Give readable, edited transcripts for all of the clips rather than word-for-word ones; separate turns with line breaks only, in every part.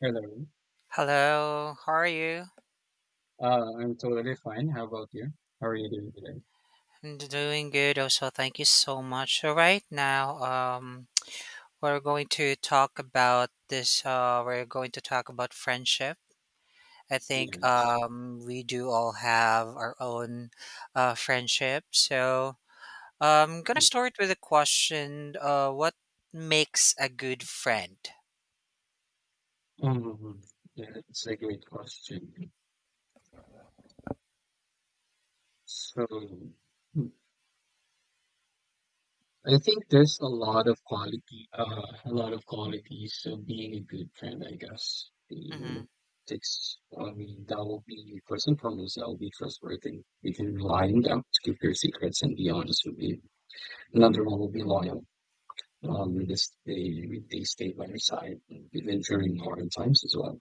Hello.
Hello, how are you?
I'm totally fine. How about you? How are you doing today?
I'm doing good also. Thank you so much. All right, now we're going to talk about friendship. I think
Yes.
we do all have our own friendship. So, I'm going to start with a question, what makes a good friend?
Um, that's a great question. So, I think there's a lot of a lot of qualities of being a good friend, I guess.
Mhm.
I mean, that will be, first and foremost, that will be trustworthy. You can rely on them to keep your secrets and be honest with you. Another one will be loyal. They stay by your side, even during hard times as well.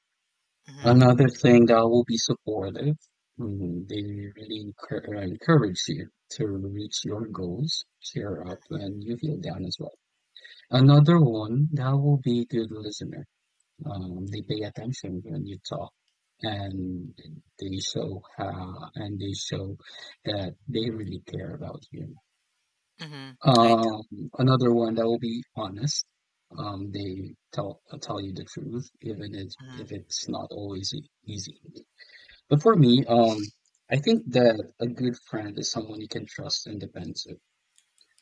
Mhm.
Another thing that will be supportive, mm, they really encourage you to reach your goals, cheer up when you feel down as well. Another one that will be good listener. They pay attention when you talk, and they show that they really care about you.
Mhm.
Um, Another one that will be honest. They tell you the truth, even if
Mhm.
if it's not always easy. But for me, I think that a good friend is someone you can trust and depend to.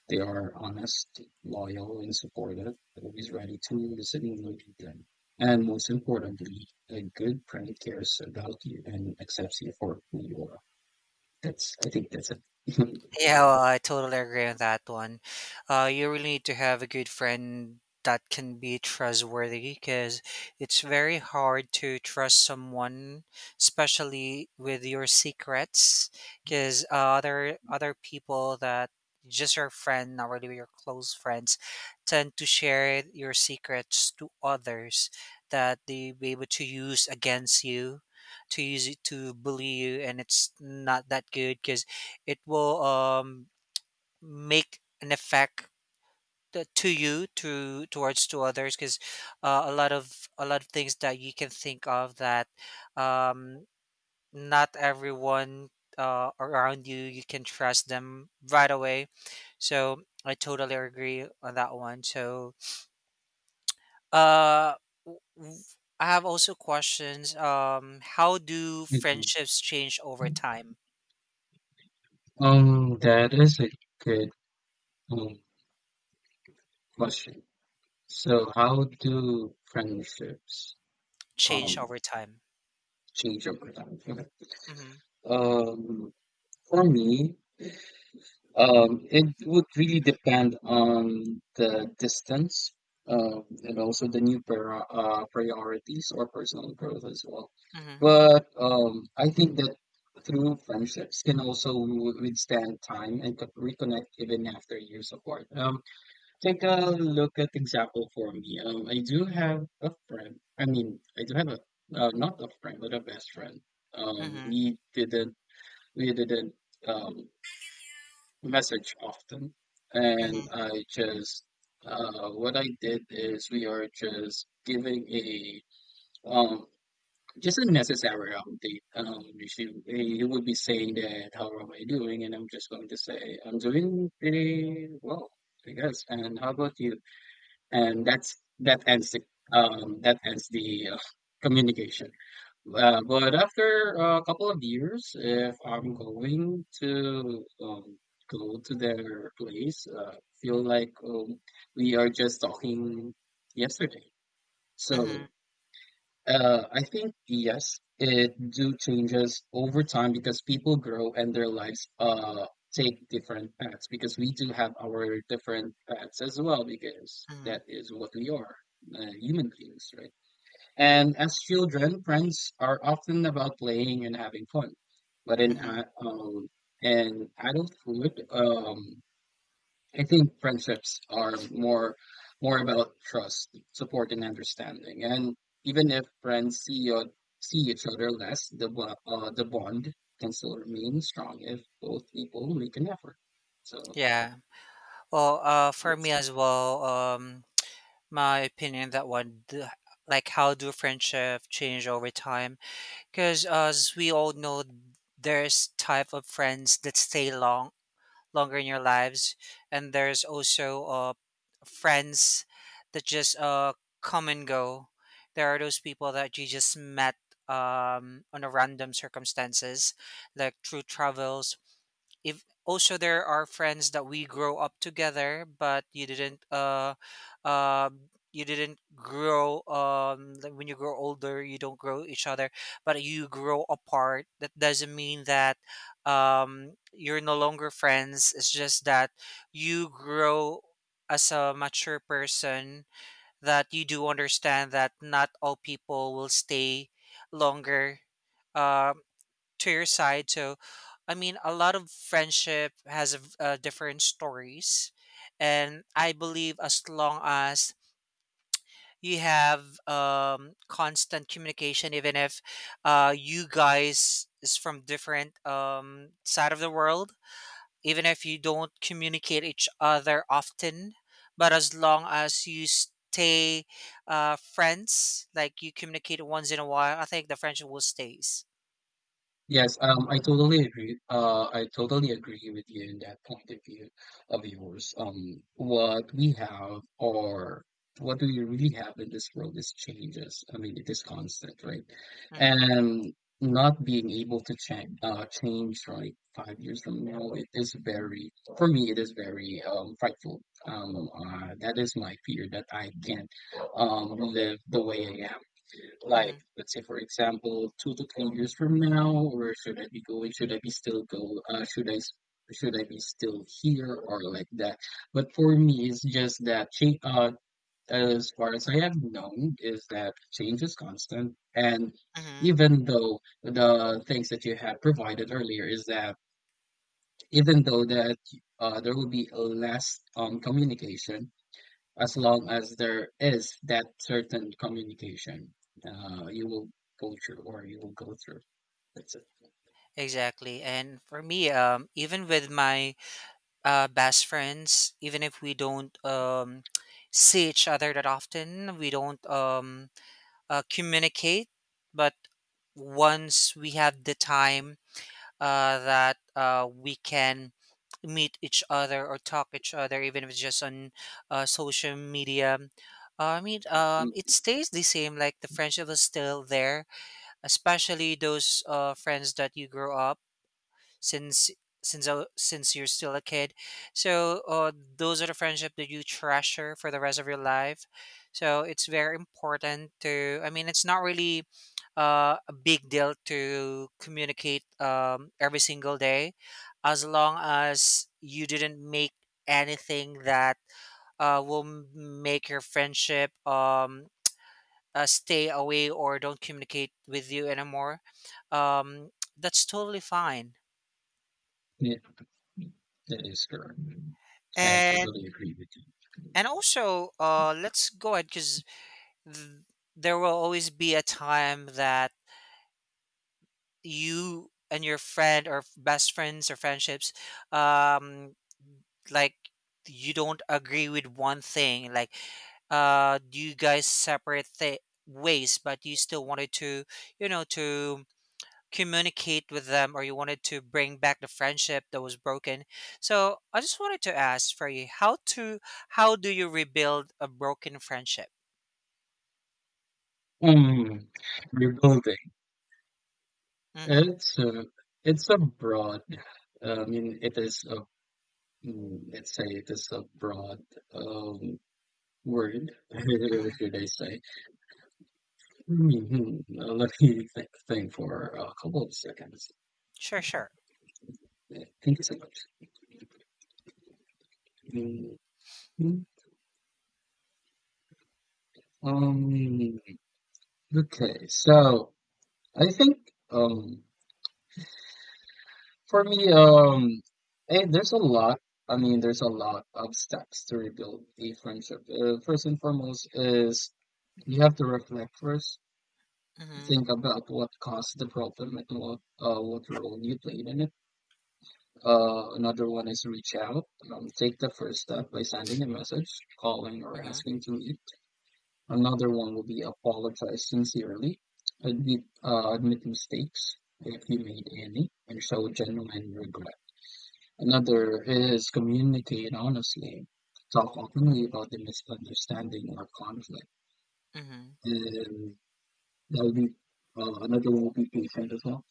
They are honest, loyal, and supportive, always ready to listen when you need them. And most importantly, a good friend cares about you and accepts you for who you are. I think that's it.
Yeah, well, I totally agree on that one. You really need to have a good friend that can be trustworthy because it's very hard to trust someone, especially with your secrets, because other people that just your friend, not really your close friends, tend to share your secrets to others that they be able to use against you, to use it to bully you, and it's not that good because it will make an effect to you to towards to others because a lot of things that you can think of that um, not everyone, around you can trust them right away. So I totally agree on that one. Uh w- w- I have also questions. How do
Mhm.
friendships change over time?
That is a good um, question. So, how do friendships
Change
um
over time.
change over time? Okay.
Mm-hmm,
Um, for me, it would really depend on the distance, and also the new priorities or personal growth as well.
mm-hmm,
But I think that through friendships can also withstand time and reconnect even after years apart. Take a look at example for me. I do have a friend. I mean, I do have a not a friend, but a best friend. Um,
mm-hmm,
we didn't we didn't um, message often.
mm-hmm,
And I just, what I did is we are just giving um, just a necessary update. She, he would be saying that, how am I doing? And I'm just going to say, I'm doing pretty well, I guess. And how about you? That ends the, um, that ends the uh, communication. But after a couple of years, if I'm going to go to their place, feel like we are just talking yesterday.
mm-hmm.
So I think yes, it do changes over time because people grow and their lives take different paths because we do have our different paths as well because
Mhm,
that is what we are, human beings, right? And as children, friends are often about playing and having fun. But
mhm,
in adulthood, I think friendships are more about trust, support, and understanding. And even if friends see each other less, the the bond can still remain strong if both people make an effort. So
yeah. Well, for me
yes.
as well, my opinion that one, like how do friendship change over time? Because as we all know, there's type of friends that stay longer in your lives, and there's also friends that just come and go. There are those people that you just met on a random circumstances, like through travels. If also there are friends that we grow up together, but uh you didn't grow. Um, like when you grow older you don't grow each other but you grow apart. That doesn't mean that you're no longer friends. It's just that you grow as a mature person, that you do understand that not all people will stay longer, uh to your side. So, I mean, a lot of friendship has different stories, and I believe as long as you have constant communication, even if, you guys is from different, side of the world, even if you don't communicate each other often, but as long as you stay friends, like you communicate once in a while, I think the friendship will stays.
Yes, I totally agree. I totally agree with you in that point of view of yours. What we have or what we really have in this world is changes. I mean, it is constant, right?
Mm-hmm.
And not being able to change like 5 years from now, it is very, for me, it is very frightful. That is my fear that I can't live the way I am
Mm-hmm.
like, let's say, for example, 2 to 3 years from now, or should I be going? Should I be still go? Should I be still here or like that? But for me, it's just that change. As far as I have known, is that change is constant, and
Mm-hmm.
even though the things that you had provided earlier is that even though that there will be less communication as long as there is that certain communication you will go through or you will go through. That's it.
Exactly. And for me, even with my best friends, even if we don't see each other that often, we don't communicate. But once we have the time, that, we can meet each other or talk each other, even if it's just on, social media. I mean,
Mm,
it stays the same. Like the friendship is still there, especially those friends that you grow up since since you're still a kid. So those are the friendship that you treasure for the rest of your life. So it's very important to. I mean, it's not really a big deal to communicate every single day, as long as you didn't make anything that, will make your friendship, stay away or don't communicate with you anymore. Um, that's totally fine.
Yeah, that is correct. I
And
totally agree with you.
And also, let's go ahead because th- there will always be a time that you and your friend or best friends or friendships, um, like you don't agree with one thing. Like, you guys separate ways, but you still wanted to, to communicate with them or you wanted to bring back the friendship that was broken. So I just wanted to ask for you how do you rebuild a broken friendship?
Mm, rebuilding.
Mm-hmm.
It's a, it's a broad. I mean, it is a. mm, Let's say it is a broad um, word. What
Hmm.
should I say? Mhm, let me think for a couple of seconds.
Sure, sure.
Yeah, thank you so much. Mm, Um, okay, so I think um for me um there's a lot. I mean, there's a lot of steps to rebuild a friendship. First and foremost is you have to reflect first,
Hmm.
think about what caused the problem and what role you played in it. Another one is reach out. Take the first step by sending a message, calling, or
Hmm.
asking to meet. Another one will be apologize sincerely, admit mistakes if you made any, and show genuine regret. Another is communicate honestly, talk openly about the misunderstanding or conflict,
Hmm.
and that would be another one will be patient as well.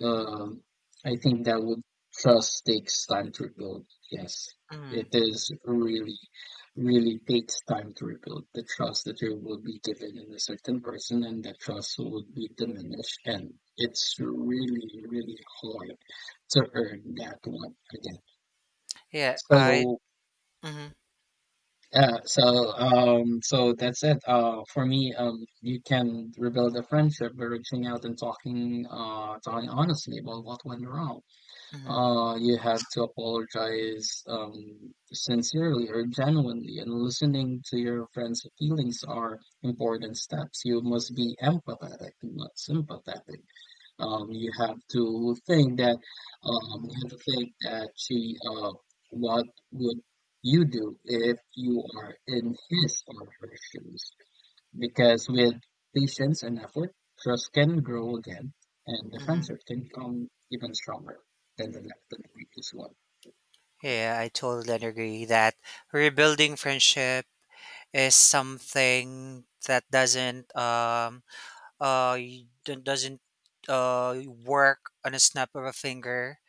Hmm.
Um, I think that would Trust takes time to rebuild. Yes,
Hmm.
it is really, really takes time to rebuild the trust that you will be given in a certain person, and that trust would be diminished. And it's really, really hard to earn that one again.
Yeah, I.
So,
Hmm.
so that's it. For me, you can rebuild a friendship by reaching out and talking honestly about what went wrong.
Hmm.
You have to apologize sincerely or genuinely, and listening to your friend's feelings are important steps. You must be empathetic, not sympathetic. Um, you have to think that you have to think that she what would you do if you are in his or her shoes? Because with patience and effort, trust can grow again, and the
Hmm.
friendship can become even stronger than the previous one.
Yeah, I totally agree that rebuilding friendship is something that doesn't y- d- doesn't uh work on a snap of a finger.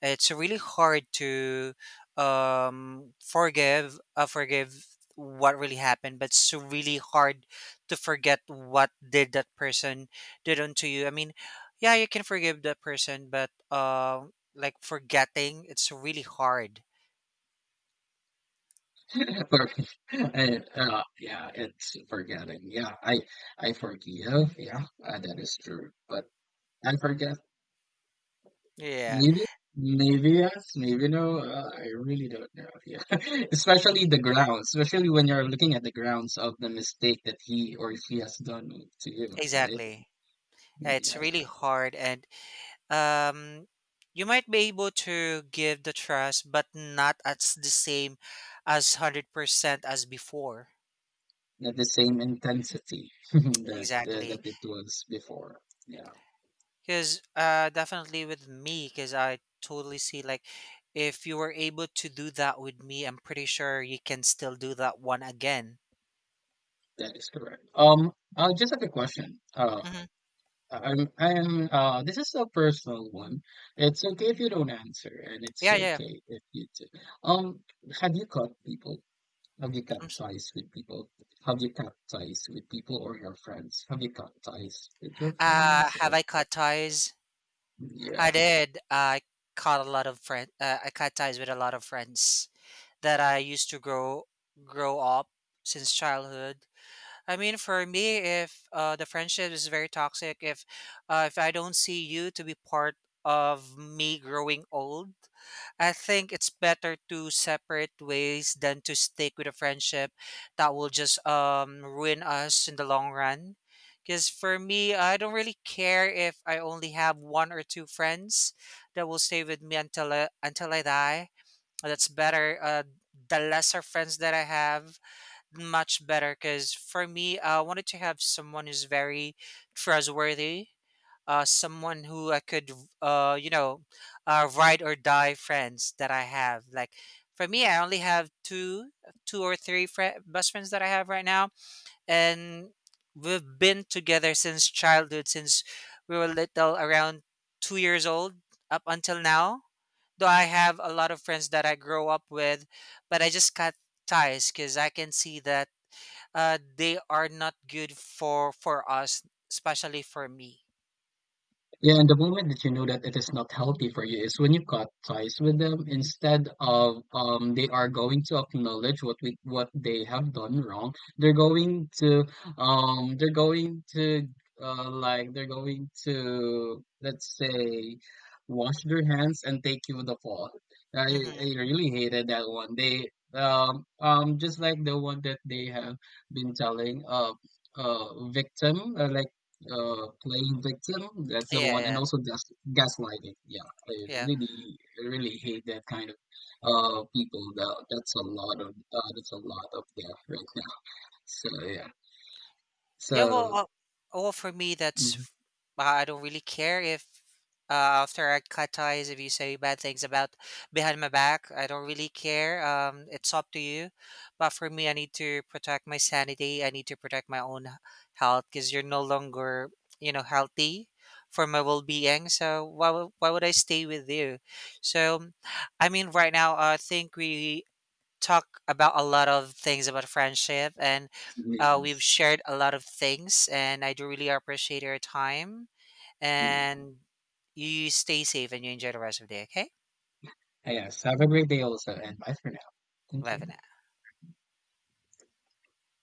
It's really hard to forgive what really happened, but it's really hard to forget what did that person did unto you. I mean, yeah, you can forgive that person, but, like forgetting, it's really hard.
Yeah, it's forgetting. I forgive. Yeah, that is true. But I forget.
Yeah,
Maybe, maybe yes, maybe no. I really don't know. Yeah, especially the grounds. Especially when you're looking at the grounds of the mistake that he or she has done to you, right?
exactly. Yeah, it's really
Yes.
hard, and, um, you might be able to give the trust, but not as the same as 100% as before.
Not the same intensity that
Exactly.
that it was before. Yeah,
Because, definitely with me, because I totally see like if you were able to do that with me, I'm pretty sure you can still do that one again.
that is correct. I just have a question.
Hmm.
I'm This is a personal one. It's okay if you don't answer, and it's
Yeah, yeah.
okay if you do. Um, have you cut people? Have you
I'm
cut
s-
ties with people? Have you cut ties with people or your friends? Have you cut ties with your friends?
Have
Or,
I cut ties? I
yeah.
did. I caught a lot of friends. I cut ties with a lot of friends that I used to grow up since childhood. I mean, for me, if, the friendship is very toxic, if I don't see you to be part of me growing old, I think it's better to separate ways than to stick with a friendship that will just ruin us in the long run. Because for me, I don't really care if I only have one or two friends that will stay with me until I die. That's better. The lesser friends that I have, much better. Because for me, I wanted to have someone who's very trustworthy, someone who I could, uh, you know, ride or die friends that I have. Like for me, I only have two or three fri best friends that I have right now, and we've been together since childhood, since we were little, around 2 years old up until now. Though I have a lot of friends that I grow up with, but I just cut ties because I can see that, they are not good for us, especially for me.
Yeah, and the moment that you know that it is not healthy for you is when you cut ties with them instead of they are going to acknowledge what they have done wrong. They're going to, they're going to like they're going to, let's say, wash their hands and take you the fall. I
Mm-hmm.
I really hated that one. They, just like the one that they have been telling, victim, like, playing victim. That's the
Yeah,
one, and
yeah.
also gaslighting. Yeah, I
Yeah.
really, really hate that kind of people. That's a lot of there right now. So yeah,
Yeah. Well,
so
uh, well, for me,
mhm,
I don't really care if, uh, after I cut ties, if you say bad things about behind my back, I don't really care. It's up to you. But for me, I need to protect my sanity. I need to protect my own health because you're no longer, healthy for my well-being. So why would I stay with you? So, I mean, right now, I think we talk about a lot of things about friendship, and, we've
yes,
shared a lot of things, and I do really appreciate your time,
yeah,
and you stay safe and you enjoy the rest of the day, okay?
yes. Have a great day also, and bye for now. Thank
Bye for
you.
now.